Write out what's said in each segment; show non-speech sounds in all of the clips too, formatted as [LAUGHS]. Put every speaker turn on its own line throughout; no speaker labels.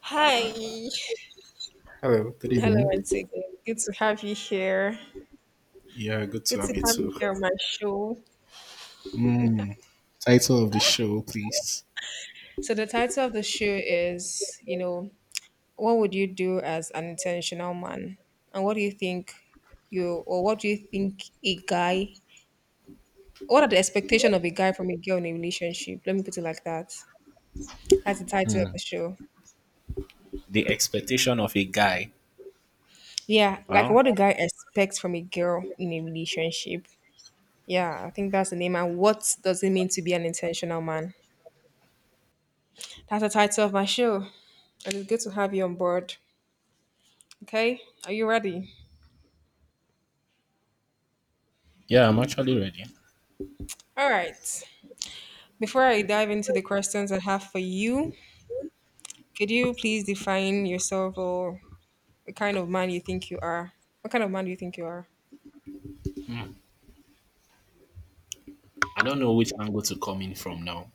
Hi.
Hello, good
Hello
evening.
once again. Good to have you here.
Yeah, good to
Good
have
to
you
have you
too.
here on my show.
Mm, title of the show, please.
So the title of the show is, you know, what would you do as an intentional man? And what do you think you or what do you think a guy what are the expectation of a guy from a girl in a relationship? Let me put it like that. That's the title of the show.
The expectation of a guy.
Yeah, like
Well,
what a guy expects from a girl in a relationship. Yeah, I think that's the name. And what does it mean to be an intentional man? That's the title of my show. It is good to have you on board. Okay, are you ready?
yeah, I'm actually ready.
All right. Before I dive into the questions I have for you, could you please define yourself or the kind of man you think you are? What kind of man do you think you are?
Mm, I don't know which angle to come in from now.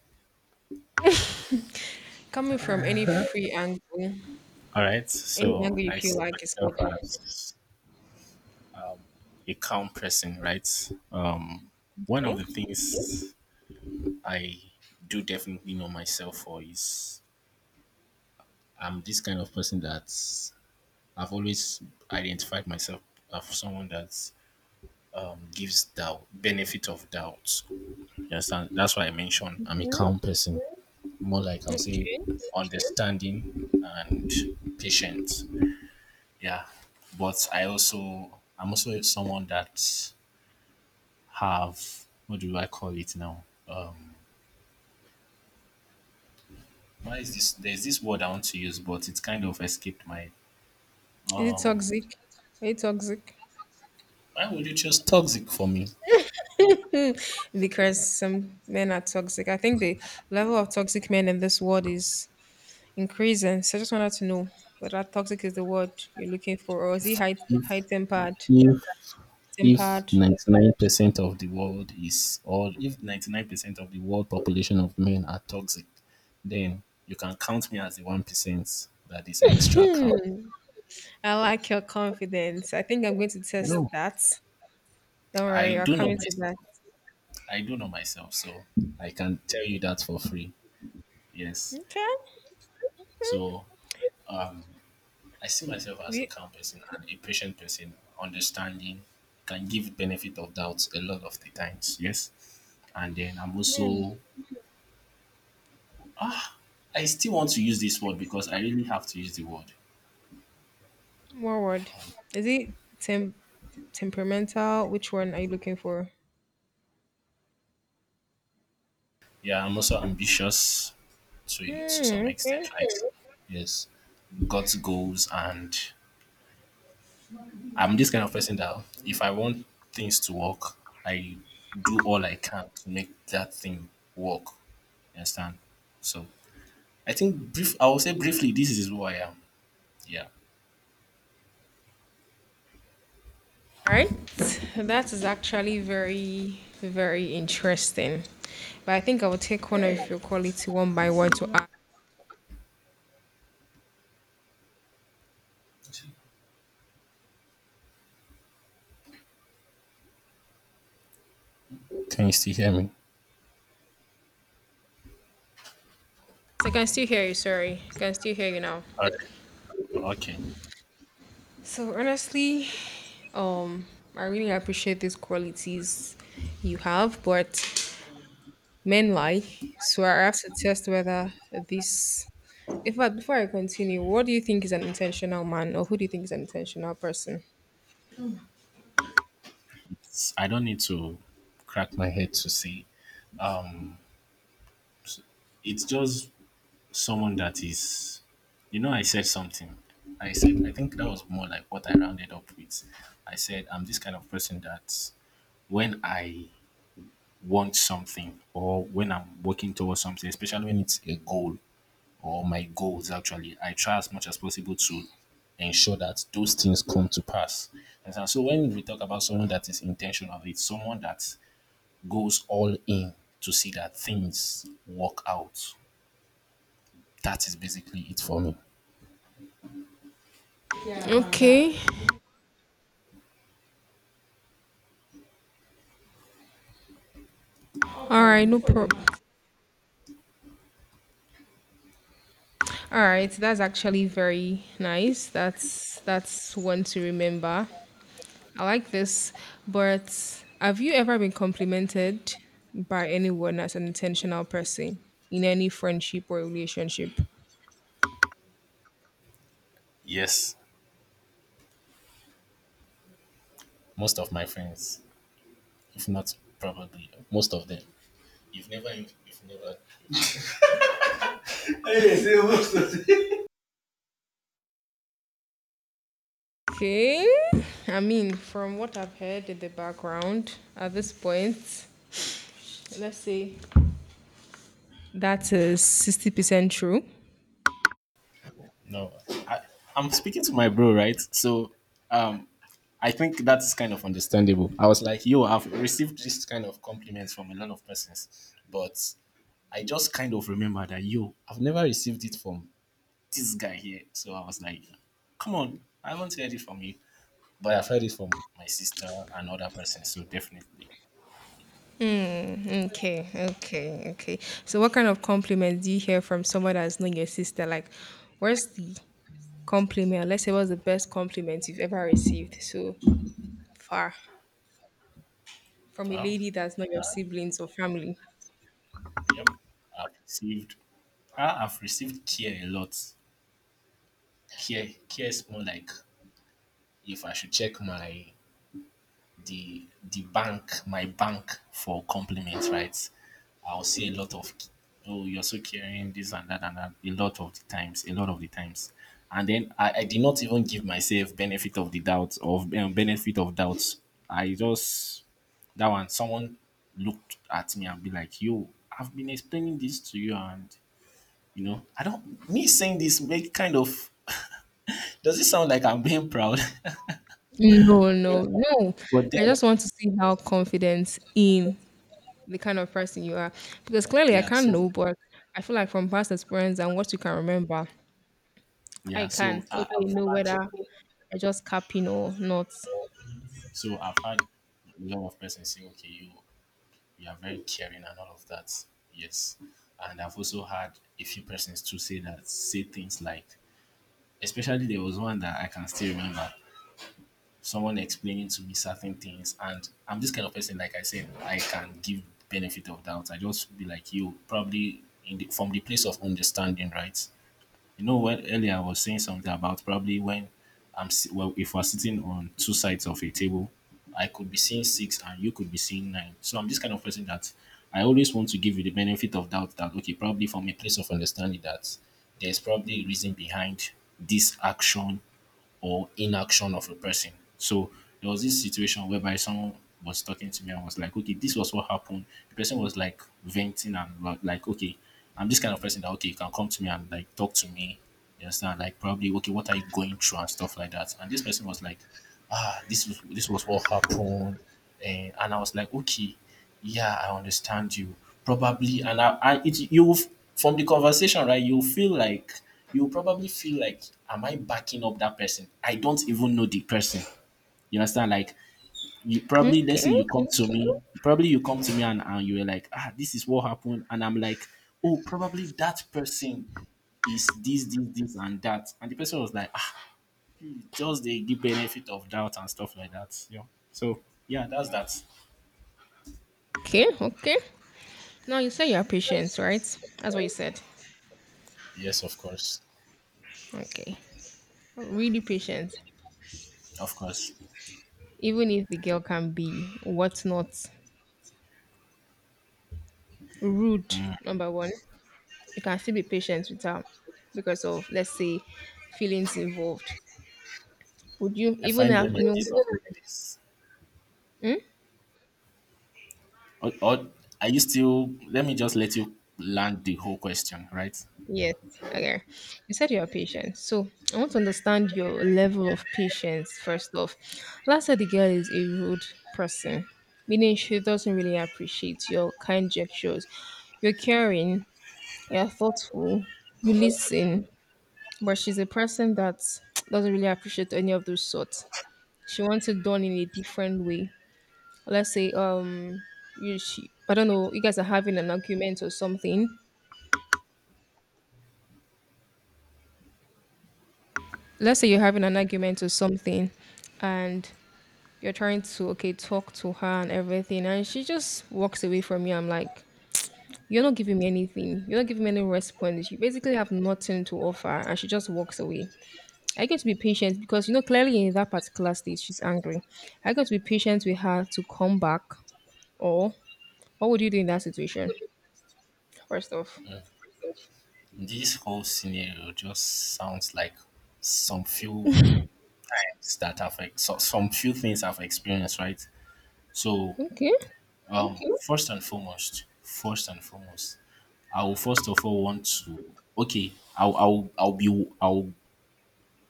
Coming from any free angle,
All right,
any
so
angle you
I
feel
see
like is
myself
good.
as a calm person, right? Um, one of
Okay.
the things I do definitely know myself for is I'm this kind of person that I've always identified myself as someone that gives doubt benefit of doubt. You understand? That's why I mentioned I'm a
Mhm.
calm person. More like I'll say
Okay.
understanding and patient. Yeah. But I'm also someone that have what do I call it now? Um, why is this there's this word I want to use but it's kind of escaped my
Is it toxic? Are you toxic?
why would you choose toxic for me?
[LAUGHS] Because some men are toxic. I think the level of toxic men in this world is increasing. So I just wanted to know whether toxic is the word you're looking for, or is he high
If
tempered?
If
Tempered.
99% of the world is, all, if 99% of the world population of men are toxic, then you can count me as the 1% that is extra calm.
Hmm. I like your confidence. I think I'm going to test
No,
that. Don't
I
worry, I'll
do
come
know my,
into that.
I do know myself, so I can tell you that for free. Yes.
Okay. Hmm.
So I see myself
Have
as a
you-
calm person and a patient person, understanding, can give benefit of doubt a lot of the times. Yes. And then
hmm.
I still want to use this word because I really have to use the word.
More word. Is it tem- temperamental? Which one are you looking for?
Yeah, I'm also ambitious to some
Hmm.
extent,
Okay.
right? Yes, got goals, and I'm this kind of person that if I want things to work, I do all I can to make that thing work. You understand? So I think brief. I will say briefly, this is who I am. Yeah.
All right. That is actually very, very interesting. But I think I will take one of your quality one by one to
Can you still hear me?
So I can still hear you. Sorry, I can still hear you now.
Okay. Okay.
So honestly, um, I really appreciate these qualities you have, but men lie. So I have to test whether this. In fact, before I continue, what do you think is an intentional man, or who do you think is an intentional person?
I don't need to crack my head to see. Um, it's just someone that is you know I said something, I said I think that was more like what I rounded up with. I said I'm this kind of person that when I want something or when I'm working towards something, especially when it's a goal or my goals actually, I try as much as possible to ensure that those things come to pass. And so when we talk about someone that is intentional, it's someone that goes all in to see that things work out. That is basically it for me.
Okay, all right, no problem. All right, that's actually very nice. That's one to remember. I like this, but have you ever been complimented by anyone as an intentional person in any friendship or relationship?
Yes, most of my friends, if not probably most of them, you've never,
Okay. I mean, from what I've heard in the background at this point, let's say that is 60% true.
no. I, I'm speaking to my bro, right? So, um, I think that's kind of understandable. I was like, yo, I've received this kind of compliments from a lot of persons, but I just kind of remember that, yo, I've never received it from this guy here. So I was like, come on, I haven't heard it from you, but I've heard it from my sister and other persons. So definitely,
Okay, okay, okay. So, what kind of compliments do you hear from someone that's not your sister? Like, where's the compliment? Let's say, what's the best compliment you've ever received so far? From a
well,
lady that's not your siblings or family.
yep, I've received I have received care a lot. Care is more like if I should check my the bank, my bank for compliments, right? I'll see a lot of oh, you're so caring, this and that and that. A lot of the times, and then I did not even give myself benefit of the doubt of benefit of doubts. I just that one someone looked at me and be like, "Yo, I've been explaining this to you, and you know, I don't me saying this make kind of." [LAUGHS] Does it sound like I'm being proud? [LAUGHS]
No,
Yeah.
no, no.
But
I
then,
just want to see how confident in the kind of person you are. Because clearly I
yeah.
can't
So
know, but I feel like from past experience and what you can remember,
yeah.
I can
I've
okay know whether
had,
I just capping or not.
so I've had a lot of persons say, okay, you are very caring and all of that. Yes, and I've also had a few persons to say that say things like, especially there was one that I can still remember. Someone explaining to me certain things, and I'm this kind of person. Like I said, I can give benefit of doubt. I just be like you, probably from the place of understanding, right? You know, when earlier I was saying something about probably when well, if we're sitting on two sides of a table, I could be seeing six and you could be seeing nine. So I'm this kind of person that I always want to give you the benefit of doubt that okay, probably from a place of understanding that there's probably a reason behind this action or inaction of a person. So there was this situation whereby someone was talking to me and was like, okay, this was what happened. The person was like like, okay, I'm this kind of person that, okay, you can come to me and like talk to me. You understand? Like, probably, okay, what are you going through and stuff like that. And this person was like, ah, this was what happened. And I was like, okay. Yeah, I understand you. Probably, and I it you f- from the conversation, right? You feel like you probably feel like, am I backing up that person? I don't even know the person. You understand? Like you probably, let's say
Okay,
you come to me, probably you come to me and you were like, ah, this is what happened, and I'm like, oh, probably that person is this, this, this, and that, and the person was like, ah, just they give benefit of doubt and stuff like that. Yeah. So yeah, that's that.
okay, okay. Now you say you're patient, right? That's what you said.
Yes, of course,
Okay. Really patient.
of course.
Even if the girl can be whatnot, rude, number one. You can still be patient with her because of let's say feelings involved would you
I
even
find
have
women
no?
this.
Hmm?
Or are you still? Let me just let you land the whole question, right?
Yes. Okay. You said you're patient, so I want to understand your level of patience first off. Let's the girl is a rude person, meaning she doesn't really appreciate your kind gestures. You're caring, you're thoughtful, you listen, but she's a person that doesn't really appreciate any of those sorts. She wants it done in a different way. Let's say you she, I don't know, you guys are having an argument or something. Let's say you're having an argument or something, and you're trying to okay talk to her and everything, and she just walks away from you. I'm like, you're not giving me anything, you're not giving me any response, you basically have nothing to offer, and she just walks away. I get to be patient because you know clearly in that particular state she's angry. I got to be patient with her to come back, or what would you do in that situation first off?
This whole scenario just sounds like some few times that so, some few things I've experienced, right? So,
Okay,
okay. First and foremost, I will first of all want to okay, I'll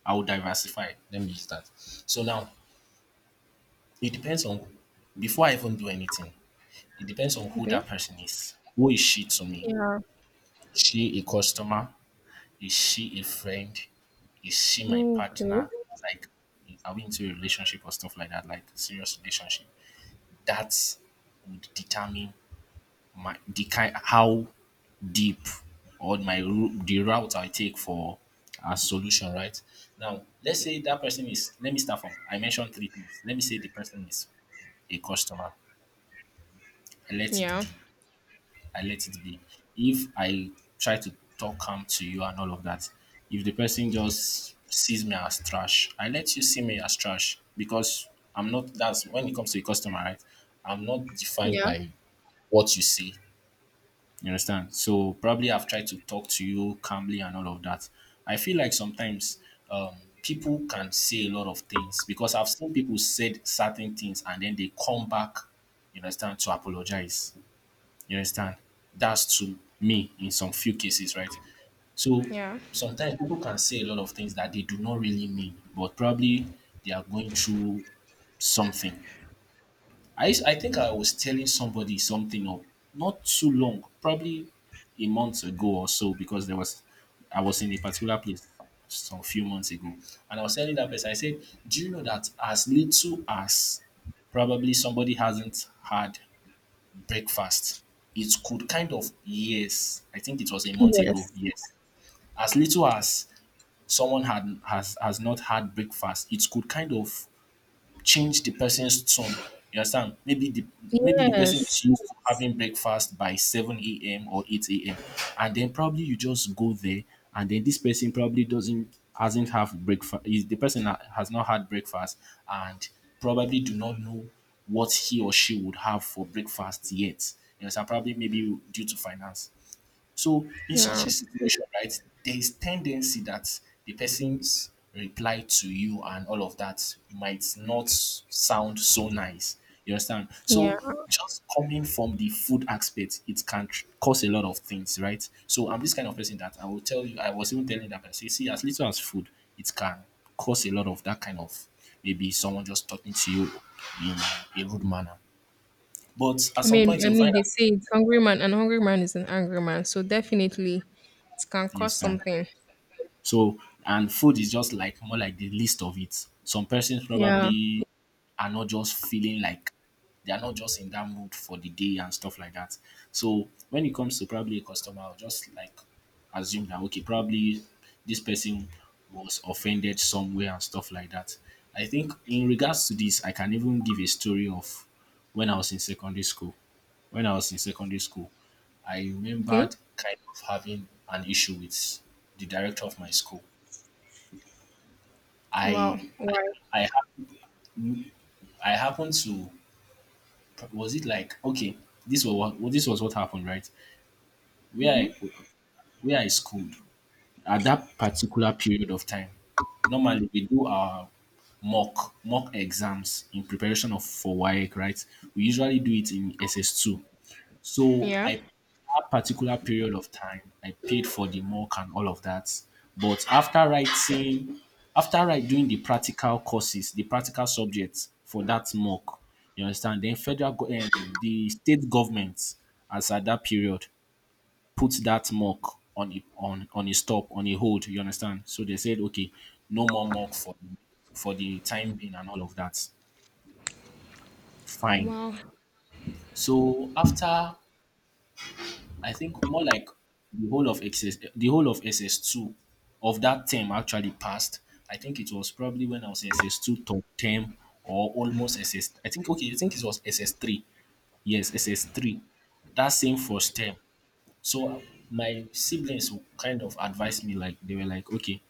I'll diversify. Let me use that. So now it depends on before I even do anything, it depends on who
okay,
that person is. Who is she to me?
yeah.
Is she a customer? Is she a friend? Is she my
Okay.
partner? Like, are we into a relationship or stuff like that? Like, serious relationship. That would determine my the kind how deep or the route I take for a solution. Right now, let's say that person is. Let me start from. I mentioned three things. Let me say the person is a customer. Let it
Yeah.
be I let it be. If I try to talk calm to you and all of that, if the person just sees me as trash, I let you see me as trash because I'm not that's when it comes to a customer, right? I'm not defined
Yeah.
by what you say. You understand? So probably I've tried to talk to you calmly and all of that. I feel like sometimes um, people can say a lot of things because I've seen people said certain things and then they come back, you understand, to apologize. You understand? That's to me in some few cases, right? So
Yeah.
sometimes people can say a lot of things that they do not really mean, but probably they are going through something. I think I was telling somebody something or not too long, probably a month ago or so, because there was I was in a particular place some few months ago, and I was telling that person, I said, "Do you know that as little as probably somebody hasn't had breakfast. It could kind of yes, I think it was a month ago.
Yes.
Yes, as little as someone had has not had breakfast, it could kind of change the person's tone. You understand? Maybe the person
Yes.
is used to having breakfast by 7 a.m. or 8 a.m. And then probably you just go there and then this person probably doesn't hasn't have breakfast the person has not had breakfast and probably do not know what he or she would have for breakfast yet. You understand? Probably maybe due to finance. So, in such
Yeah.
a situation, right, there is tendency that the person's reply to you and all of that might not sound so nice. You understand?
Yeah.
So, just coming from the food aspect, it can cause a lot of things, right? So, I'm this kind of person that I will tell you, I was even telling that person, see, as little as food, it can cause a lot of that kind of maybe someone just talking to you in a rude manner. But at
I
some
mean,
point,
I
you'll
mean
find
they
out.
say it's hungry man, and hungry man is an angry man. So definitely it can
You
cause
understand?
something.
So, and food is just like more like the least of it. Some persons
Yeah.
probably are not just feeling like they are not just in that mood for the day and stuff like that. So when it comes to probably a customer, I'll just like assume that okay, probably this person was offended somewhere and stuff like that. I think in regards to this, I can even give a story of when I was in secondary school. When I was in secondary school, I remembered
Okay.
kind of having an issue with the director of my school.
Wow.
I I
Why?
I, hap- I happened to was it like okay this was this was what happened, right? Where
Hmm.
I schooled at that particular period of time, normally we do our mock exams in preparation of for WAEC, right? We usually do it in SS2. So
Yeah.
I That particular period of time, I paid for the mock and all of that. But after writing, after I doing the practical courses, the practical subjects for that mock, you understand? Then the state government, as at that period, put that mock on on a stop, on a hold. You understand? So they said, okay, no more mock for the time being and all of that. Fine.
Wow.
So after I think more like the whole of XS, the whole of SS2 of that term actually passed. I think it was probably when I was in SS2 top term or almost SS. I think okay, I think it was SS3. Yes, SS3. That same first term. So my siblings kind of advised me, like they were like, okay,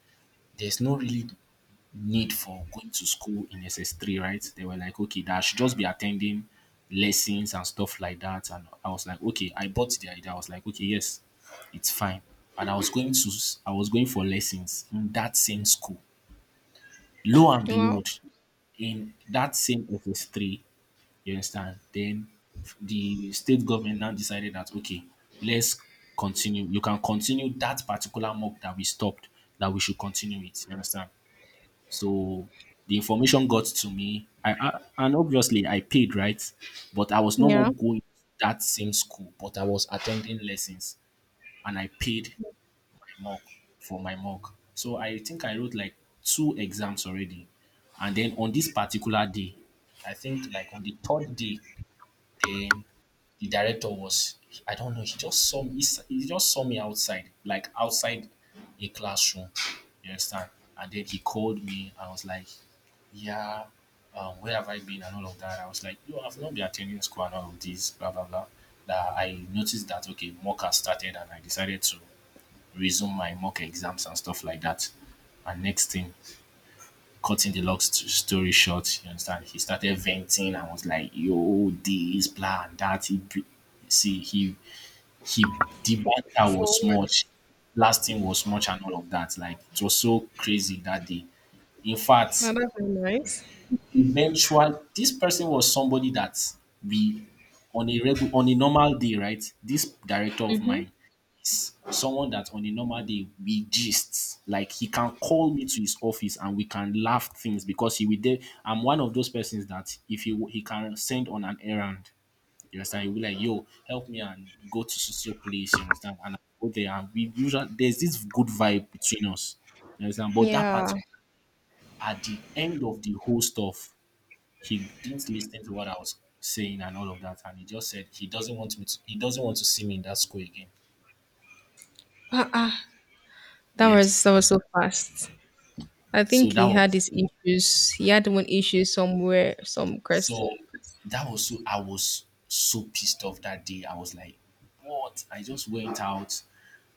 there's no really need for going to school in SS3, right? They were like, okay, that I should just be attending lessons and stuff like that. And I was like, okay, I bought the idea. I was like, okay, yes, it's fine. And I was going for lessons in that same school. Lo and
Wow.
behold, in that same SS3, you understand? Then the state government now decided that, okay, let's continue. You can continue that particular mock that we stopped, that we should continue it. You understand? So the information got to me. I And obviously I paid, right, but I was no more
Yeah.
going to that same school, but I was attending lessons and I paid my mock for my mock. So I think I wrote like two exams already. And then on this particular day, I think like on the third day, then the director was, I don't know, he just saw me he just saw me outside, like outside a classroom. You understand? And then he called me. I was like, yeah, where have I been and all of that? I was like, yo, I've not been attending school and all of this, blah blah blah. That I noticed that okay, mock has started and I decided to resume my mock exams and stuff like that. And next thing, cutting the long story short, you understand, he started venting and was like, yo, this, blah, and that. He, br- see, he, the banter
So
was
what?
much, lasting was much, and all of that. Like, it was so crazy that day. In
Now
fact,
that's very nice.
eventually, this person was somebody that we, on on a normal day, right? This director of
Mm-hmm.
mine, someone that on a normal day we gist. Like he can call me to his office and we can laugh things because he will there. I'm one of those persons that if he can send on an errand, you understand, he'll be like, yo, help me and go to so so place, you understand? And I go there and we usually there's this good vibe between us. You understand? But that
Yeah.
particular at the end of the whole stuff, he didn't listen to what I was saying and all of that, and he just said he doesn't want to see me in that school again.
Ah, ah.
Yes.
That was so fast. I
So
think
that
he had
was
his issues. He had one issue somewhere, some crest.
So that was, so I was so pissed off that day. I was like, what? I just went out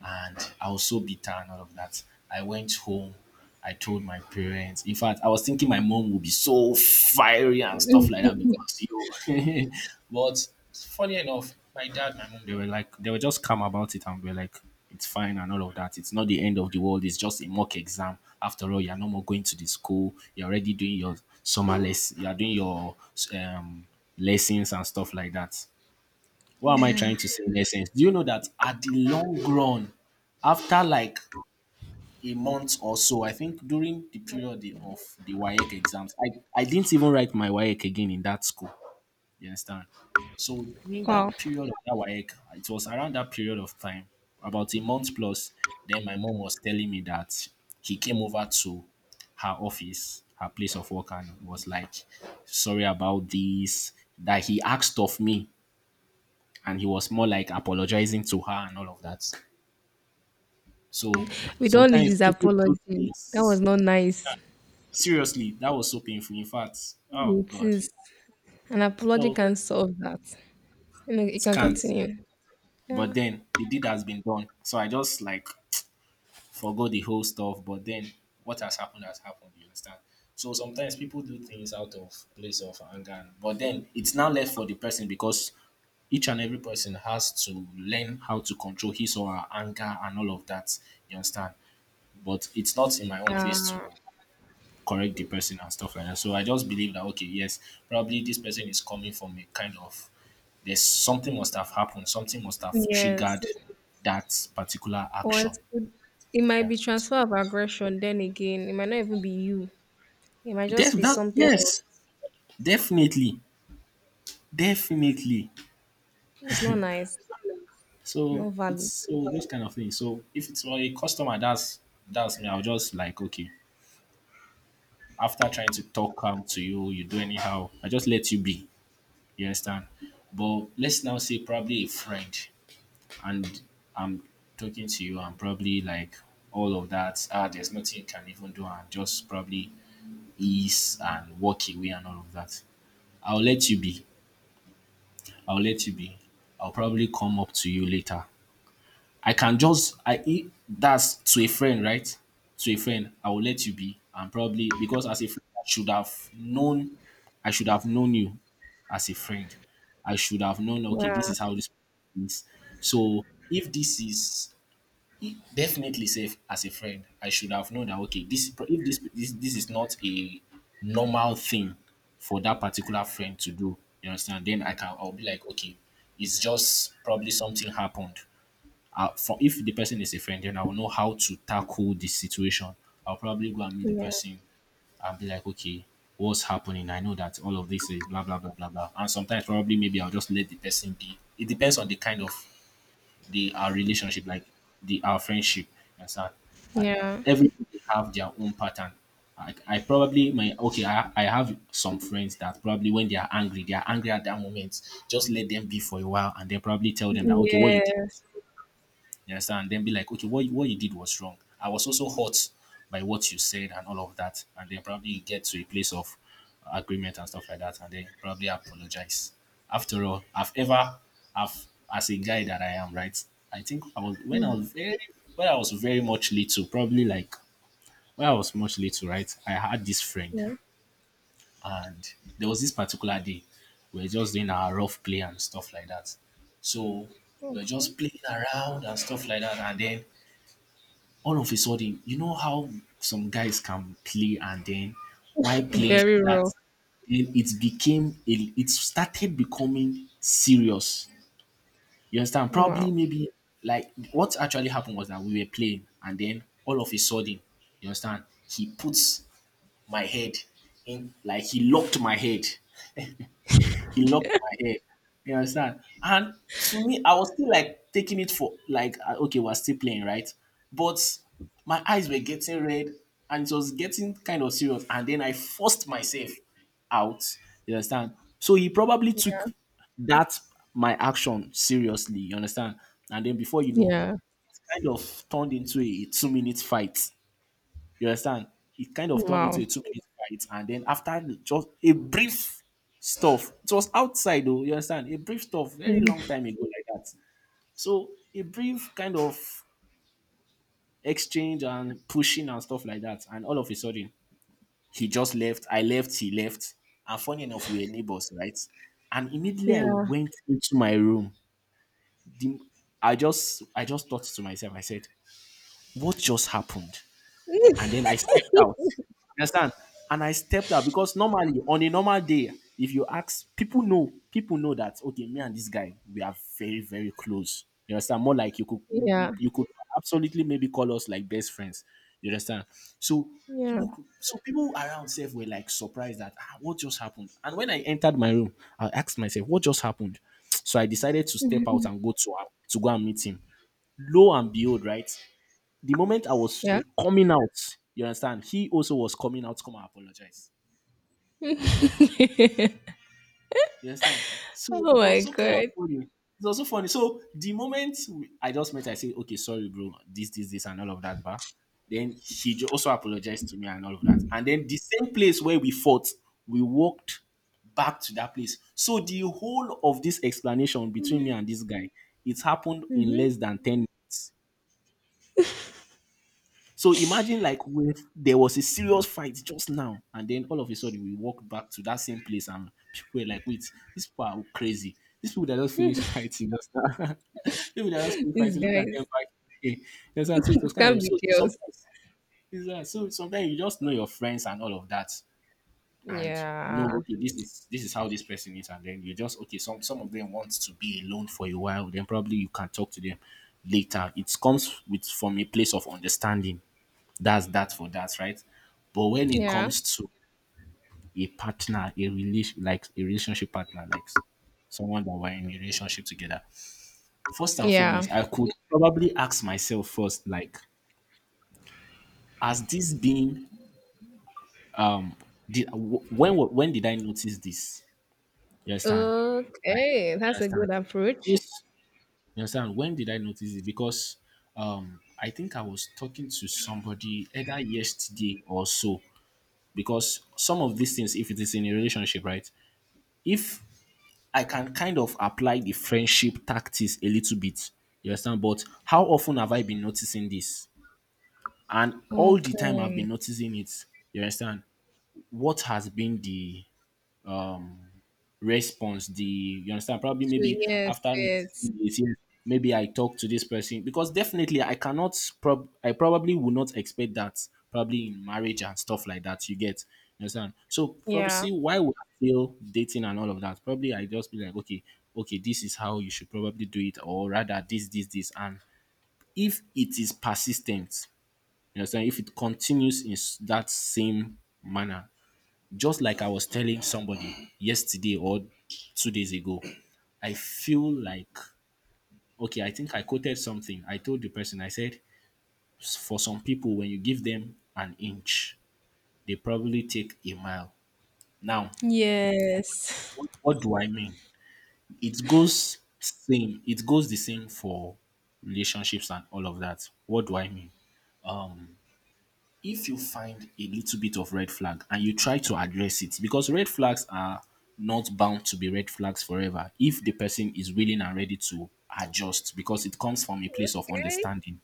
and I was so bitter and all of that. I went home. I told my parents. In fact, I was thinking my mom would be so fiery and stuff like that
[LAUGHS]
because you. [LAUGHS] But funny enough, my dad, my mom, they were like, they were just calm about it and were like, it's fine and all of that. It's not the end of the world. It's just a mock exam. After all, you're no more going to the school. You're already doing your summer less. You're doing your um, lessons and stuff like that. What am I
Yeah.
trying to say in essence? Do you know that at the long run, after like a month or so, I think during the period of the WAEC exams, I didn't even write my WAEC again in that school. You understand? So during
Wow.
that period of that WAEC, it was around that period of time, about a month plus, then my mom was telling me that he came over to her office, her place of work, and was like, sorry about this, that he asked of me and he was more like apologizing to her and all of that. So
We don't need
sometimes
this
people do
apology. That was
things.
not nice.
Seriously, that was so painful. In fact, oh
It
god,
is. An apology
oh
can solve that. You know, you
it
can
can't.
continue. Yeah.
But then the deed has been done, so I just like forgot the whole stuff. But then what has happened has happened. You understand? So sometimes people do things out of place of anger, and but then it's now left for the person because each and every person has to learn how to control his or her anger and all of that. You understand? But it's not in my own place to
Yeah.
correct the person and stuff like that. So I just believe that okay, yes, probably this person is coming from a kind of there's something must have happened, something must have triggered
Yes.
that particular
Or
action.
it could it might
Yeah.
be transfer of aggression then again. It might not even be you. It might just be
That,
something else.
yes, definitely, definitely.
It's not nice.
So
No
it's
valid.
so those kind of things. So if it's for a customer, that's me. I'll just like okay. After trying to talk calm to you, you do anyhow. I just let you be. You understand? But let's now say probably a friend. And I'm talking to you and probably like all of that, ah, there's nothing you can even do and just probably ease and walk away and all of that. I'll let you be i'll let you be I'll probably come up to you later. I can just I- That's to a friend, right? To a friend, I will let you be, and probably because as a friend I should have known. I should have known you. As a friend, I should have known, okay, this
Yeah.
is how this is. So if this is definitely safe, as a friend I should have known that okay, this if this this, this is not a normal thing for that particular friend to do. You understand? Then I'll be like okay, it's just probably something happened. For if the person is a friend, then I will know how to tackle this situation. I'll probably go and meet the
Yeah.
person and be like okay, what's happening? I know that all of this is blah blah blah blah blah. And sometimes probably maybe I'll just let the person be. It depends on the kind of the our relationship, like the our friendship. And so I,
Yeah.
everybody have their own pattern. I probably my okay. I have some friends that probably when they are angry at that moment. Just let them be for a while, and then probably tell them that okay, what you did,
Yes.
you understand? Then be like, okay, what you did was wrong. I was also hurt by what you said and all of that. And then probably you get to a place of agreement and stuff like that. And then probably apologize. After all, I've, as a guy that I am, right? I think I was, when I
Mm.
was very, When I was very much little, probably like, when I was much little, right? I had this friend
Yeah.
and there was this particular day we were just doing our rough play and stuff like that. So we were just playing around and stuff like that. And then all of a sudden, you know how some guys can play and then while playing like
Very raw.
that, then it started becoming serious. You understand?
Wow.
Probably maybe like what actually happened was that we were playing and then all of a sudden, you understand, my head he locked my head he locked my hair. You understand? And to me, I was still like taking it for like okay, we're still playing, right? But my eyes were getting red and it was getting kind of serious. And then I forced myself out. You understand? So he probably took that my action seriously, you understand? And then before you know,
Yeah.
it kind of turned into a two-minute fight. You understand? It kind of turned into
Wow.
a 2-minute fight, and then after just a brief stuff, it was outside though. You understand? A brief stuff, very
Mhm.
long time ago like that. So a brief kind of exchange and pushing and stuff like that, and all of a sudden he just left. I left. He left. And funny enough, we were neighbors, right? And immediately I
Yeah.
went into my room. The- I just thought to myself. I said, "What just happened?" And then
[LAUGHS]
I stepped out. You understand? And I stepped out because normally on a normal day, if you ask people know that okay, me and this guy, we are very, very close. You understand? More like
Yeah.
you could absolutely maybe call us like best friends. You understand? So people around self were like surprised that ah, what just happened. And when I entered my room, I asked myself, what just happened? So I decided to step
Yeah.
out and go to go and meet him. Lo and behold, right? The moment I was
Yeah.
coming out, you understand, he also was coming out to come and apologize.
[LAUGHS] Oh
You understand? So it
my
was so kind of
god.
funny. It's also funny. So the moment I just met, I said, okay, sorry, bro, this, and all of that, but then he also apologized to me and all of that. And then the same place where we fought, we walked back to that place. So the whole of this explanation between me and this guy, it happened in
Mhm.
less than 10. So imagine like with there was a serious fight just now, and then all of a sudden we walked back to that same place, and people were like, "Wait, these people are crazy. These people that just finished [LAUGHS]
[LAUGHS]
fighting just now, [LAUGHS] people that just finished
These
fighting. Look at them
guys.
back." Okay, that's how so it was
It
kind
can
of
be
so
chaos.
sometimes so sometimes you just know your friends and all of that, and know
Yeah.
okay this is how this person is, and then you just okay some of them want to be alone for a while, then probably you can talk to them later. It comes with from a place of understanding that's that for that, right? But when it
Yeah.
comes to a partner, a relation like a relationship partner, like someone that we're in a relationship together, first and
Yeah.
foremost, I could probably ask myself first, like, has this been did wh- when wa- when did I notice this? You understand? Like,
Okay.
you
That's a
understand?
good approach.
Yes, you understand? When did I notice it? Because I think I was talking to somebody either yesterday or so. Because some of these things, if it is in a relationship, right? If I can kind of apply the friendship tactics a little bit. You understand? But how often have I been noticing this? And all the time I've
Okay.
been noticing it, you understand? What has been the response. The you understand? Probably
So
maybe
yes,
after noticing
it's
this, yes, maybe I talk to this person because definitely I cannot. I probably would not expect that. Probably in marriage and stuff like that, you get. You understand? So probably
yeah.
see why we are still dating and all of that. Probably I just be like, okay, this is how you should probably do it, or rather this, this, this. And if it is persistent, you understand, if it continues in that same manner, just like I was telling somebody yesterday or 2 days ago, I feel like, okay, I think I quoted something. I told the person, I said, for some people, when you give them an inch, they probably take a mile. Now,
Yes.
what do I mean? It goes same, it goes the same for relationships and all of that. What do I mean? If you find a little bit of red flag and you try to address it because red flags are not bound to be red flags forever if the person is willing and ready to adjust because it comes from a place of
Okay.
understanding.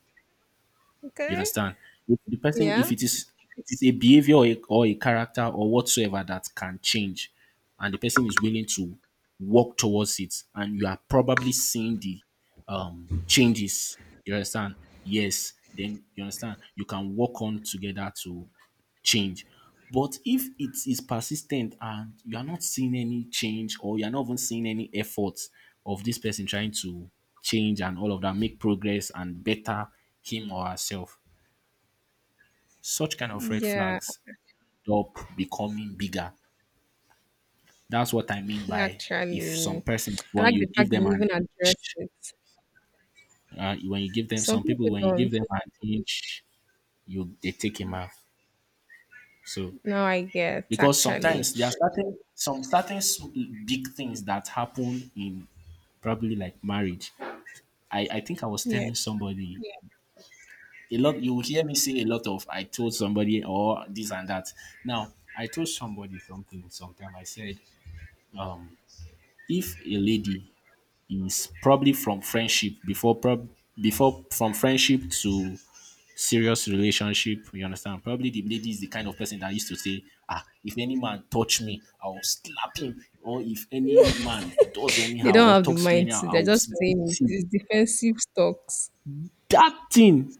You
Okay.
understand? If the person if
Yeah.
it is if it's a behavior or a character or whatsoever that can change and the person is willing to work towards it and you are probably seeing the changes. You understand? Yes. Then you understand you can work on together to change. But if it is persistent and you are not seeing any change or you are not even seeing any efforts of this person trying to change and all of that, make progress and better him or herself, such kind of red
Yeah.
flags stop becoming bigger. That's what I mean by if some
Actually.
person
I
when
like the
you give
fact that
them
you
an
even address
inch,
it.
when you give them
Some
some people
people
when you give
don't.
them an inch you they take him off. So
Now I get
because
actually.
sometimes there are certain some big things that happen in probably like marriage. I think I was
Yeah.
telling somebody. Yeah. A lot. You would hear me say a lot of I told somebody or this and that. Now I told somebody something sometime. I said if a lady is probably from friendship before prob before from friendship to serious relationship. You understand? Probably the lady is the kind of person that used to say, ah, if any man touch me, I'll slap him. Or if any man does
They
anyhow
don't
or
have the
talks me
mind
anyhow,
to. They're
I'll
just saying it.
beat him.
It's defensive stocks.
That thing,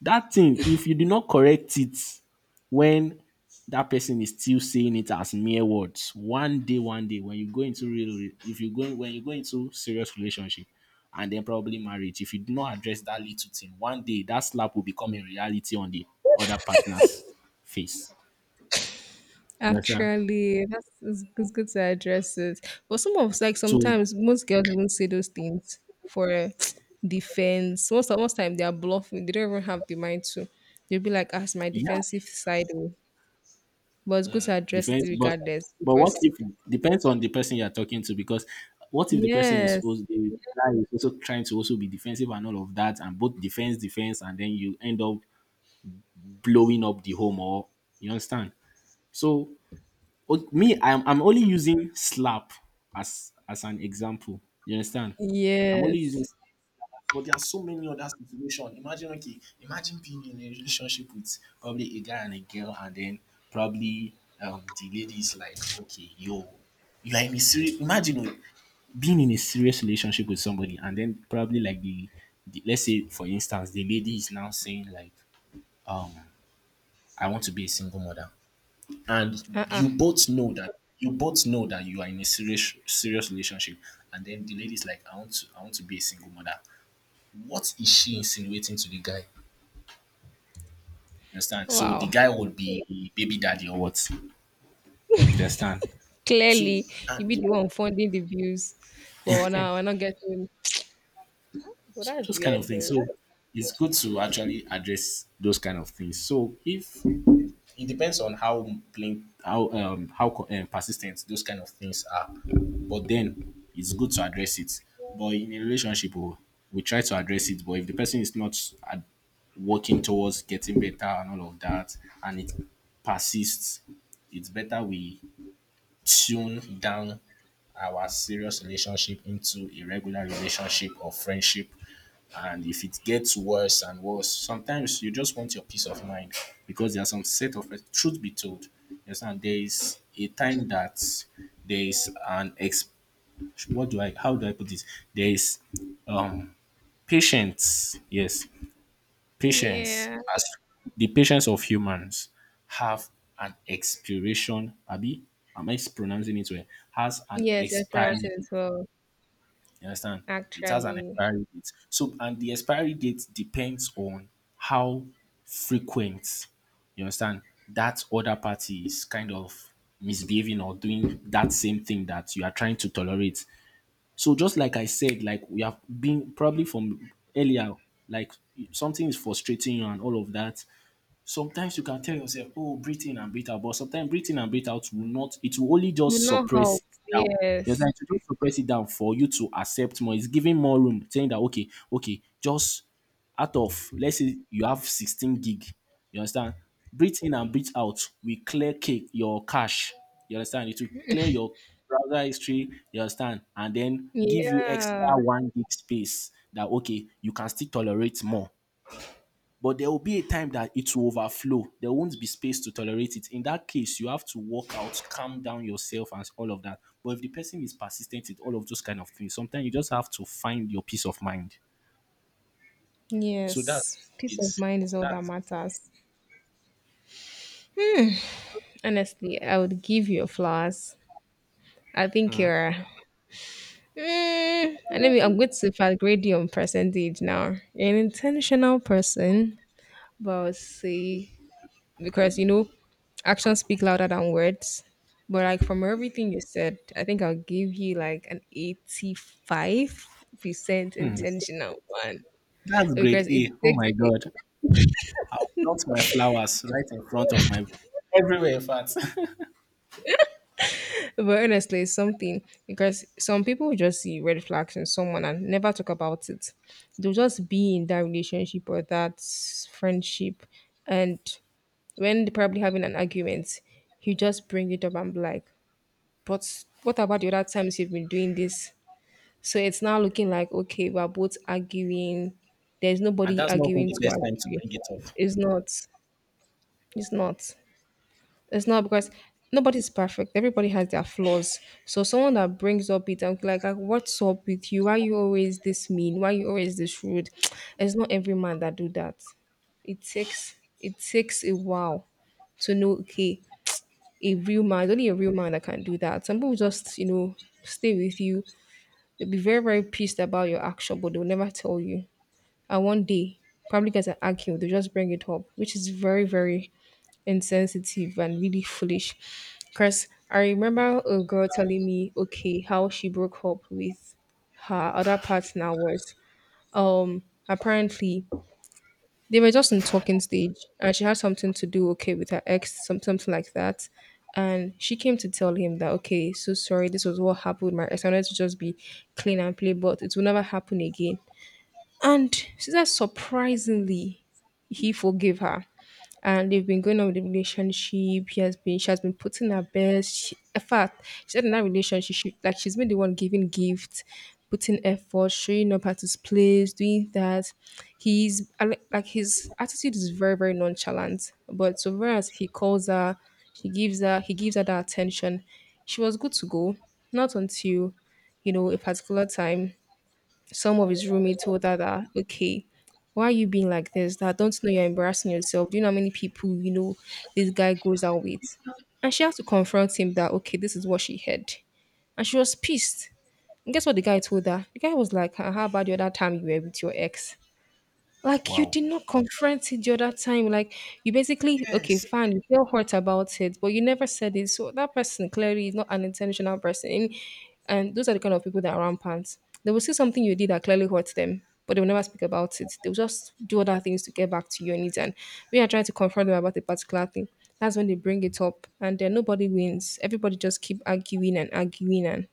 that thing, if you do not correct it, when that person is still saying it as mere words. One day, when you go into real, if you go when you go into serious relationship, and then probably marriage, if you do not address that little thing, one day that slap will become a reality on the other partner's face. You understand?
Actually, that's it's good to address it. But some of like
So
sometimes most girls even say those things for [TSK] defense. Most of most time they are bluffing. They don't even have the mind to. They'll be like, "As my
yeah,
defensive side," oh." But it's good to address it
depends.
regardless
But what
because
if depends on the person you are talking to because. What if the person is
yes,
also, the guy is also trying to also be defensive and all of that, and both defense, defense, and then you end up blowing up the home or you understand so me I'm only using slap as an example you understand I'm only using
yes,
slap. But there are so many other situations. Imagine, okay, imagine being in a relationship with probably a guy and a girl, and then probably the lady is like, okay, yo, you are in a serious. Imagine oh, being in a serious relationship with somebody, and then probably like the let's say for instance, the lady is now saying like, um, I want to be a single mother. And
uh, uh
you both know that you both know that you are in a serious serious relationship and then the lady's like I want to be a single mother. What is she insinuating to the guy you understand? So the
wow.
guy would be baby daddy or what you understand? So
Clearly, you
and
be
the,
the one funding the views, but we're not getting. Well,
so
that's
those kind of
weird
things
though.
so it's good to actually address those kind of things so if it depends on how plain, how persistent those kind of things are. But then it's good to address it. But in a relationship, oh, we try to address it. But if the person is not ad- working towards getting better and all of that, and it persists, it's better we tune down our serious relationship into a regular relationship or friendship and if it gets worse and worse, sometimes you just want your peace of mind because there are some set of truth be told. Yes, and there is a time that there is an ex what do I how do I put this? There is um patience, yes, patience
Yeah.
as the patience of humans have an expiration, Abi. Am I pronouncing it well? Has an
Yes, I pronounce
expiry
it as well.
you understand? It has an
Actually,
expiry date. So, and the expiry date depends on how frequent, you understand, that other party is kind of misbehaving or doing that same thing that you are trying to tolerate. So, just like I said, like we have been probably from earlier, like something is frustrating you and all of that. Sometimes you can tell yourself, oh, breathe in and breathe out, but sometimes breathe in and breathe out will not, it will only
will
just
not
suppress it
help.
down. You
Yes.
understand? It will just suppress it down for you to accept more. It's giving more room, saying that, okay, just out of, let's say you have 16 gig. You understand? Breathe in and breathe out. We clear your cache. You understand? It will clear your browser history. You understand? And then give you extra
Yeah.
one gig space that, okay, you can still tolerate more. But there will be a time that it will overflow. There won't be space to tolerate it. In that case, you have to walk out, calm down yourself, and all of that. But if the person is persistent with all of those kind of things, sometimes you just have to find your peace of mind. So that's
Yes. Peace of
it's
mind is all that
that's
matters. Honestly, I would give you flowers. I think you're. Mm, and let me. I'm going to fat grade you on percentage now. You're an intentional person, but we'll see because you know actions speak louder than words. But like from everything you said, I think I'll give you like an 85% intentional one
that's grade
because it
A. Oh
takes
my
it.
god. I'll plant my flowers right in front of my everywhere, in fact. [LAUGHS]
But honestly, it's something because some people just see red flags in someone and never talk about it. They'll just be in that relationship or that friendship. And when they're probably having an argument, you just bring it up and be like, but what about the other times you've been doing this? So it's now looking like, okay, we're both arguing. There's
And
nobody
that's not even
arguing
the
to
best time to
agree.
bring it up.
It's not. It's not. It's not because nobody's perfect. Everybody has their flaws. So someone that brings up it and like, what's up with you? Why are you always this mean? Why are you always this rude? [TSK] It's not every man that do that. It takes a while to know okay, a real man, only a real man that can do that. Some people just, you know, stay with you. They'll be very, very pissed about your action, but they'll never tell you. And one day, probably get an acute, they just bring it up, which is very, very insensitive and really foolish. Because I remember a girl telling me, okay, how she broke up with her other partner was um apparently they were just in talking stage, and she had something to do okay with her ex, some, something like that. And she came to tell him that okay, so sorry, this was what happened with my ex. I wanted to just be clean and play, but it will never happen again. And she said surprisingly, he forgave her, and they've been going on with the relationship. He has been She has been putting her best. She, in fact, she said in that relationship, she, like she's been the one giving gifts, putting effort, showing up at his place, doing that. He's Like his attitude is very, very nonchalant. But so far as he calls her, she gives her he gives her that attention. She was good to go. Not until, you know, a particular time some of his roommates told her that, okay, why are you being like this? That don't you know you're embarrassing yourself. Do you know how many people you know this guy goes out with? And she had to confront him that, okay, this is what she heard. And she was pissed. And guess what the guy told her? The guy was like, "Ah, how about the other time you were with your ex? Like you
Wow.
did not confront it the other time. Like you basically okay,
Yes.
fine, you feel hurt about it, but you never said it." So that person clearly is not an intentional person. And those are the kind of people that are rampant. They will see something you did that clearly hurts them, but they will never speak about it. They'll just do other things to get back to your needs. And when you're trying to confront them about a particular thing, that's when they bring it up and then nobody wins. Everybody just keep arguing and arguing and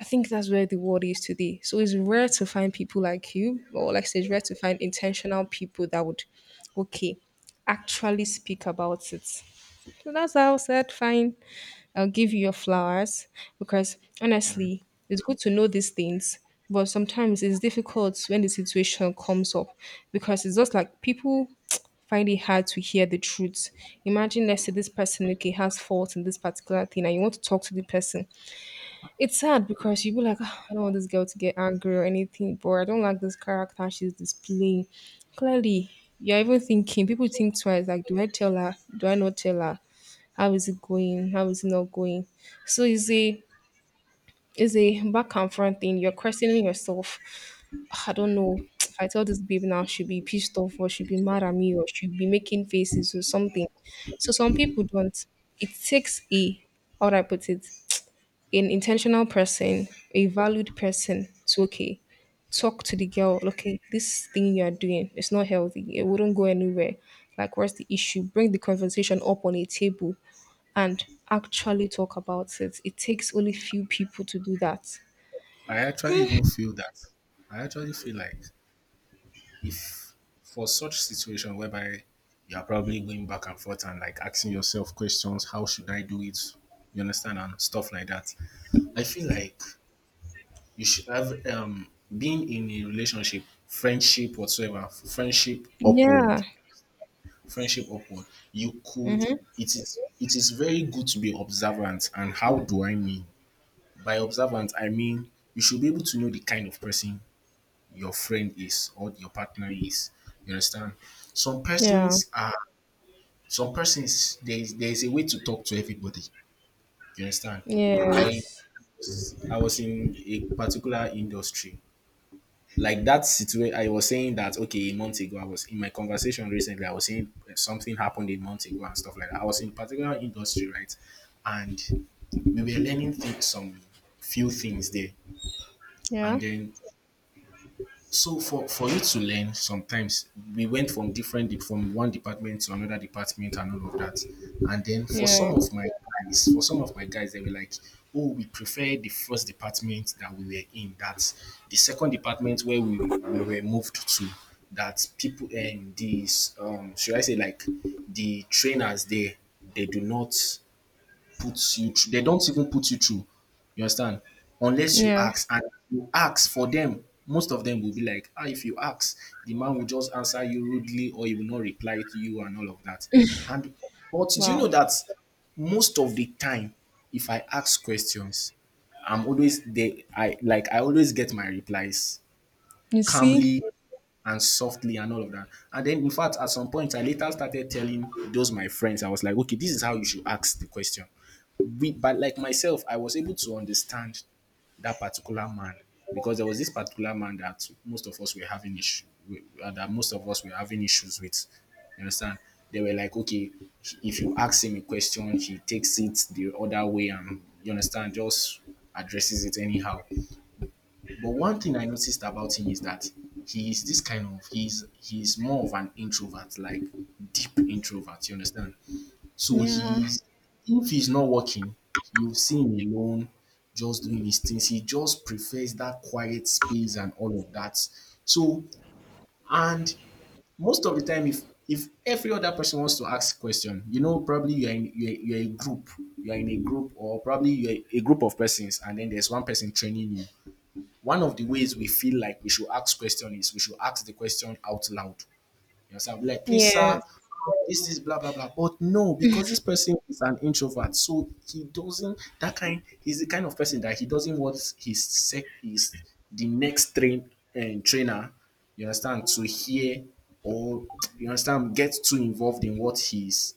I think that's where the world is today. So it's rare to find people like you, or like I said, it's rare to find intentional people that would, okay, actually speak about it. So that's how I said, fine, I'll give you your flowers because honestly, it's good to know these things. But sometimes it's difficult when the situation comes up because it's just like people [TSK] find it hard to hear the truth. Imagine, let's say, this person okay has fault in this particular thing, and you want to talk to the person, it's sad because you'll be like, "Ah, I don't want this girl to get angry or anything, but I don't like this character she's displaying. Clearly, you're even thinking, people think twice, like, do I tell her? Do I not tell her? How is it going? How is it not going? So it's a back and front thing. You're questioning yourself. "Ah, I don't know. [TSK] If I tell this baby now, she'll be pissed off or she'll be mad at me or she'll be making faces or something. So some people don't. It takes a how would I put it? An intentional person, a valued person to okay, talk to the girl, okay, this thing you are doing is not healthy. It wouldn't go anywhere. Like what's the issue? Bring the conversation up on a table and actually talk about it. It takes only few people to do that.
I actually even feel that. I actually feel like, if for such situation whereby you are probably going back and forth and like asking yourself questions, how should I do it? You understand, and stuff like that. I feel like you should have, being in a relationship, friendship whatsoever,
Yeah.
friendship upward. You could
Mm-hmm.
It is very good to be observant. And how do I mean by observant? I mean you should be able to know the kind of person your friend is or your partner is. You understand? Some
Yeah.
persons are some persons, there is a way to talk to everybody. You understand? I
Yes.
was I was in a particular industry. Like that situation, I was saying that okay, a month ago, I was in my conversation recently. I was saying something happened a month ago and stuff like that. I was in a particular industry, right? And we were learning things, some few things there.
Yeah.
And then, for you to learn, sometimes we went from from one department to another department and all of that. And then for
Yeah.
some of my guys, they were like, "Oh, we prefer the first department that we were in. That's the second department where we were moved to." That people and these, should I say, like the trainers there, they do not put you through. They don't even put you through. You understand? Unless you
Yeah.
ask, and you ask for them, most of them will be like, ah, if you ask, the man will just answer you rudely or he will not reply to you and all of that. And but do you know
Wow.
that most of the time, if I ask questions, I'm always they I like I always get my replies
You see?
calmly and softly and all of that. And then, in fact, at some point, I later started telling those my friends, I was like, okay, this is how you should ask the question. But like myself, I was able to understand that particular man, because there was this particular man that most of us were having issue with, that most of us were having issues with. You understand? They were like, okay, if you ask him a question, he takes it the other way, and, you understand, just addresses it anyhow. But one thing I noticed about him is that he is this kind of he's more of an introvert, like deep introvert, you understand? So,
Yeah.
he's if he's not working, you see him alone, just doing his things. He just prefers that quiet space and all of that. So, and most of the time, if every other person wants to ask question, you know, probably you're a group, you're in a group, or probably you're a group of persons, and then there's one person training you, one of the ways we feel like we should ask question is we should ask the question out loud. You understand? Be like, please, sir,
Yes.
this is blah blah blah. But no, because this person is an introvert, so he doesn't, that kind he's the kind of person that he doesn't want his sec his the next trainer, you understand, to hear, or, you understand, get too involved in what he's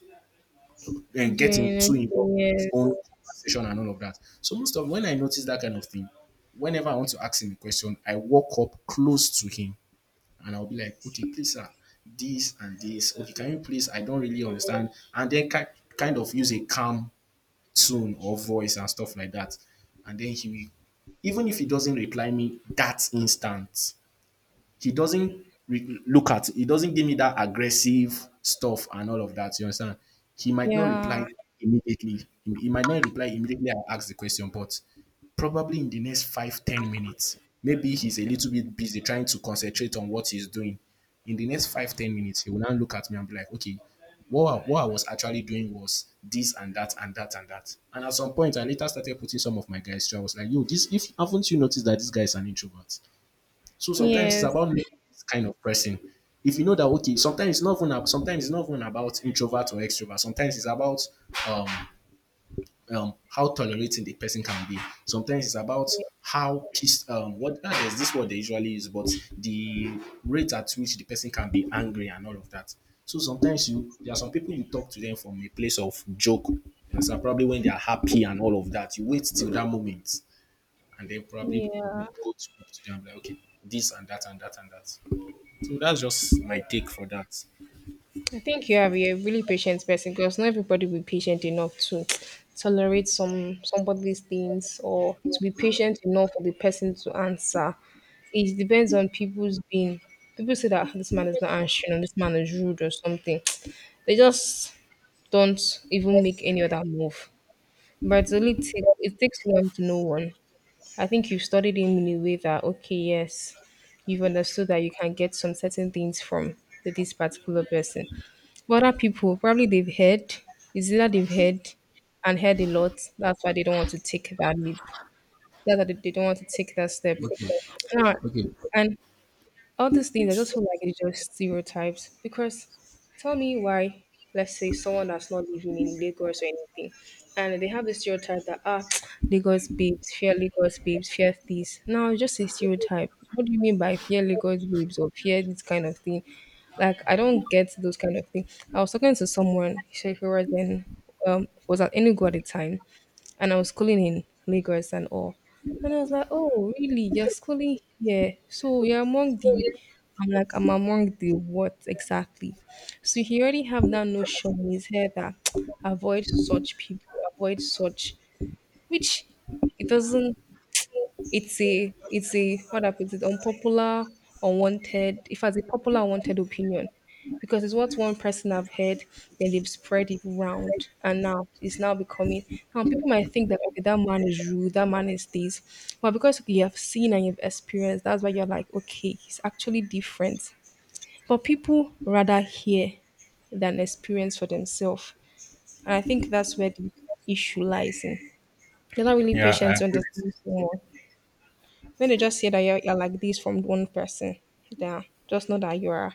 and get him
Doing
too
okay.
involved in his own
Yes.
conversation and all of that. So most of, when I notice that kind of thing, whenever I want to ask him a question, I walk up close to him and I'll be like, okay, please, sir, this and this. Okay, can you please? I don't really understand. And then kind of use a calm tone or voice and stuff like that. And then he will, even if he doesn't reply me that instant, he doesn't re- look at He doesn't give me that aggressive stuff and all of that. You understand? He might not
Yeah.
reply He might not reply immediately. I ask the question, but probably in the next 5-10 minutes, maybe he's a little bit busy trying to concentrate on what he's doing. In the next 5-10 minutes, he will now look at me and be like, "Okay, what I was actually doing was this and that and that and that." And at some point, I later started putting some of my guys through. I was like, "Yo, this if haven't you noticed that this guy is an introvert?" So sometimes it's
Yes.
about knowing this kind of person. If you know that, okay, sometimes it's not even about introvert or extrovert. Sometimes it's about, um, how tolerating the person can be. Sometimes it's about how pissed what ah, there's this word they usually use, but the rate at which the person can be angry and all of that. So sometimes you there are some people you talk to them from a place of joke. And so probably when they are happy and all of that, you wait till that moment and then probably
Yeah,
up to them like, okay, this and that and that and that. So that's just my take for that.
I think you have you're a really patient person because not everybody will be patient enough to tolerate somebody's things or to be patient enough for the person to answer. It depends on people's being. People say that "Ah, this man is not answering or this man is rude or something. [TSK] They just don't even make any other move. But it's only take, it takes one to know one. I think you've studied him in a way that okay, yes, you've understood that you can get some certain things from this particular person. But other people, probably they've heard, it's either they've heard and heard a lot. That's why they don't want to take that leap. That's why they don't want to take that step.
Okay.
Now,
Okay.
and all these things, I just feel like it's just stereotypes. Because tell me why, let's say someone that's not living in Lagos or anything, and they have the stereotype that ah, [TSK] Lagos babes, fear this. No, it's just a stereotype. What do you mean by fear Lagos babes or fear this kind of thing? Like I don't get those kind of thing. I was talking to someone, she was in was at Enugu at the time, and I was schooling in Lagos and all. And I was like, oh, really? You're schooling here. So you're among the, I'm like, I'm among the what exactly? So he already have that notion in his head that [TSK] avoid such people, avoid such, which it doesn't it's a what happens? It's unpopular, unwanted. If has a popular, unwanted opinion, because it's what one person have heard, then they've spread it round, and now it's now becoming. Now people might think that okay, that man is rude, that man is this, but because you have seen and you've experienced, that's why you're like, okay, he's actually different. But people rather hear than experience for themselves, and I think that's where the issue lies in. They're not really
Yeah,
patient
I
to
agree with
understand someone when they just hear that you're like this from one person, yeah, just know that you are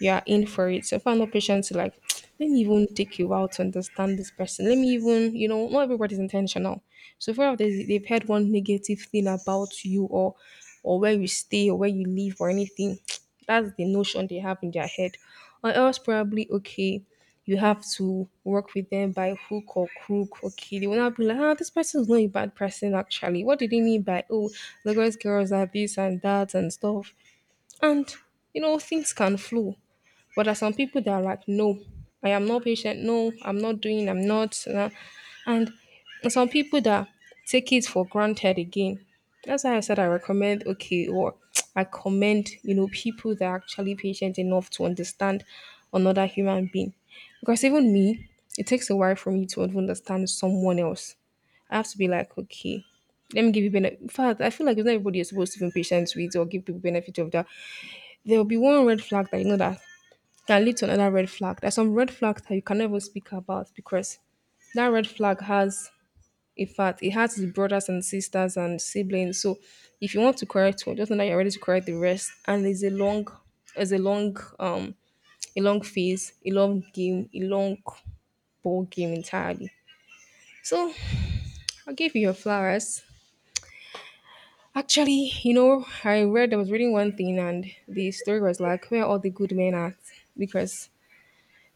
you're in for it. So if I know patients who, like, [TSK] let me even take you out to understand this person. Let me even, you know, not everybody's intentional. So if ever they've heard one negative thing about you or where you stay or where you live or anything, [TSK] that's the notion they have in their head. Or else probably okay, you have to work with them by hook or crook. Okay, they will not be like, ah, this person is not a bad person actually. What did they mean by oh, Lagos girls are this and that and stuff? And you know, things can flow. But there are some people that are like, no, I am not patient. No, I'm not doing. I'm not. And some people that take it for granted again. That's why I said I recommend. Okay, or [TSK] I commend. You know, people that are actually patient enough to understand another human being. Because even me, it takes a while for me to even understand someone else. I have to be like, okay, let me give you benefit. In fact, I feel like it's not everybody you're supposed to be patient with or give people benefit of that. There will be one red flag that you know that can lead to another red flag. There's some red flags that you can never speak about because that red flag has in fact it has the brothers and sisters and siblings. So if you want to correct one, just know that you're ready to correct the rest. And there's a long there's a long a long phase, a long game, a long ball game entirely. So I'll give you your flowers. Actually, you know, I read I was reading one thing and the story was like where all the good men at because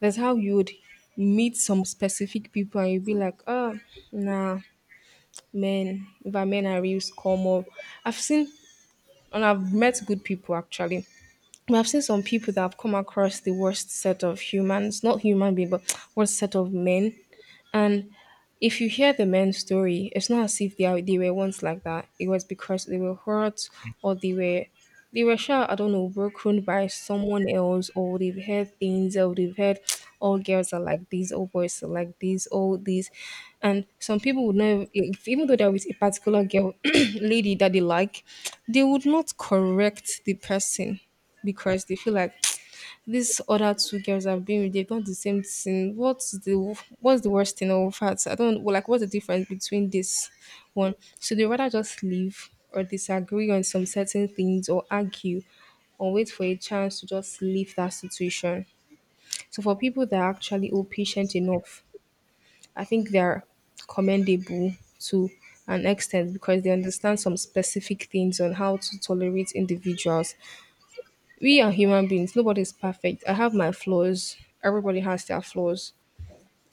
that's how you would meet some specific people and you'd be like, oh, nah, men, if our men are real scum or I've seen and I've met good people actually. But I've seen some people that have come across the worst set of humans, not human being, but [TSK] worst set of men. And if you hear the men's story, it's not as if they are, they were once like that. It was because they were hurt or they were sure I don't know broken by someone else or they've heard things or they've heard [TSK] all girls are like these, all boys are like these, all these, and some people would not if, even though they're with a particular girl [CLEARS THROAT] lady that they like, they would not correct the person because they feel like these other two girls I've been with, they've done the same thing. What's the worst thing of fact? I don't well, like what's the difference between this one? So they rather just leave or disagree on some certain things or argue or wait for a chance to just leave that situation. So for people that are actually all patient enough, I think they're commendable to an extent because they understand some specific things on how to tolerate individuals we are human beings. Nobody's perfect. I have my flaws. Everybody has their flaws.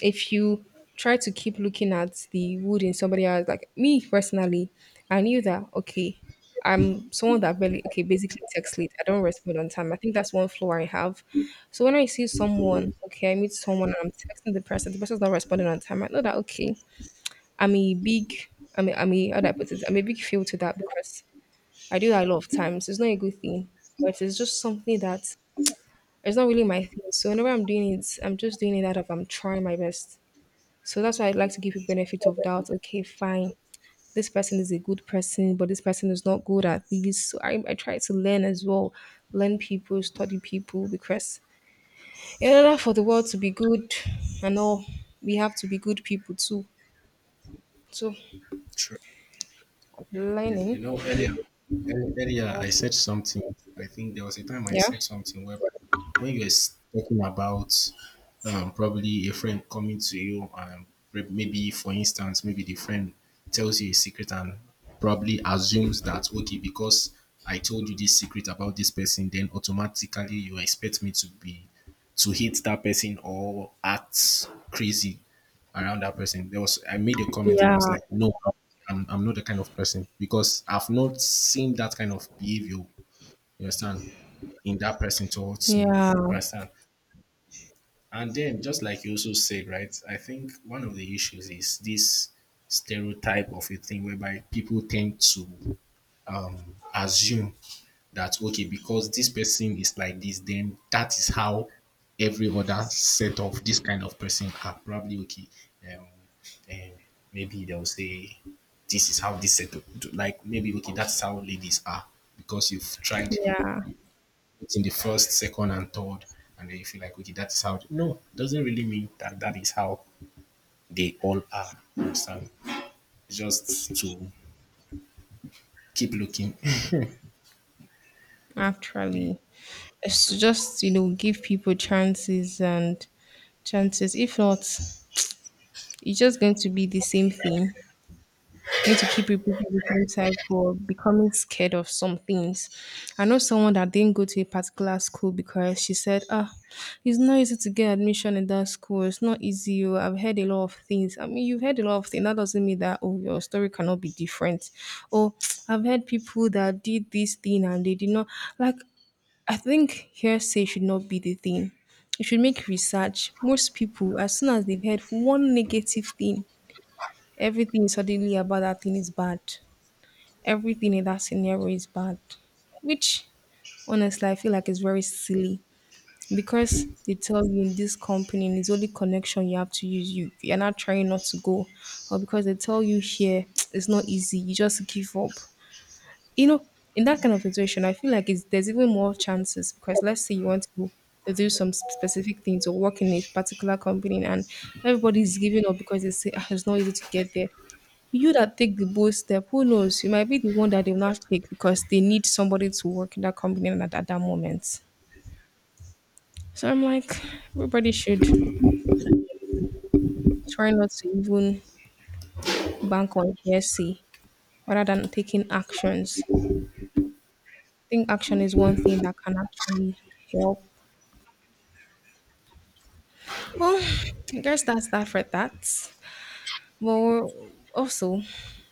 If you try to keep looking at the wood in somebody else, like me personally, I knew that, okay, I'm someone that barely, okay, basically text late. I don't respond on time. I think that's one flaw I have. So when I see someone, okay, I meet someone and I'm texting the person, the person's not responding on time. I know that, okay, I'm a big, I'm a, how do I put it? I'm a big fail to that because I do that a lot of times. It's not a good thing, but it's just something that it's not really my thing. So whenever I'm doing it, I'm just doing it out of I'm trying my best. So that's why I'd like to give you benefit of doubt. Okay, fine. This person is a good person, but this person is not good at this. So I try to learn as well. Learn people, study people, because in order for the world to be good and all, we have to be good people too. So
you. True. You
learning.
know, earlier I
Also.
said something. I think there was a time I
Yeah.
said something where, when you were talking about, probably a friend coming to you, and maybe, for instance, maybe the friend tells you a secret and probably assumes that, okay, because I told you this secret about this person, then automatically you expect me to be to hate that person or act crazy around that person. There was I made a comment and I
Yeah.
was like, no, I'm not the kind of person, because I've not seen that kind of behavior You understand? In that person towards me.
Yeah.
You understand? And then, just like you also said, right? I think one of the issues is this stereotype of a thing whereby people tend to, assume that okay, because this person is like this, then that is how every other set of this kind of person are, probably, okay, um, um maybe they'll say this is how this set of, like, maybe okay, that's how ladies are, because you've tried
Yeah.
in the first, second and third, and then you feel like okay, that's how, no, doesn't really mean that that is how they all are, you understand, just to keep looking.
Actually. It's just you know give people chances and chances. If not, it's just going to be the same thing. Going to keep repeating the same cycle of becoming scared of some things. I know someone that didn't go to a particular school because she said, "Ah, it's not easy to get admission in that school. It's not easy. Oh, I've heard a lot of things. I mean, you've heard a lot of things. That doesn't mean that oh, your story cannot be different. Oh, [TSK] I've heard people that did this thing and they did not like I think hearsay should not be the thing. It should make research. Most people, as soon as they've heard one negative thing, everything suddenly about that thing is bad. Everything in that scenario is bad. Which, honestly, I feel like is very silly because they tell you in this company and it's only connection you have to use. You you're not trying not to go, or because they tell you here [TSK] it's not easy. You just give up. You know, in that kind of situation, I feel like it's, there's even more chances because let's say you want to do some sp- specific things or work in a particular company and everybody's giving up because they say "Ah, it's not easy to get there. You that take the bold step, who knows? You might be the one that they will not take because they need somebody to work in that company at that moment. So I'm like, everybody should try not to even bank on hearsay rather than taking actions. I think action is one thing that can actually help. Well, I guess that's that for that. Well, also,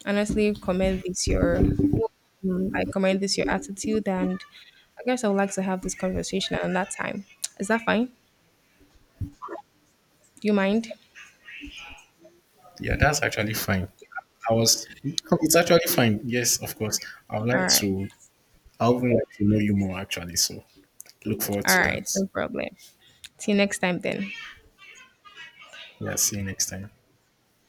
honestly, commend this your, mm, I commend this your attitude, and I guess I would like to have this conversation at that time. Is that fine? Do you mind?
Yeah, that's actually fine. I was, it's actually fine. Yes, of course. I would like
All right,
to, I would like to know you more actually. So look forward to that.
no problem. See you next time then.
Yeah, see you next time.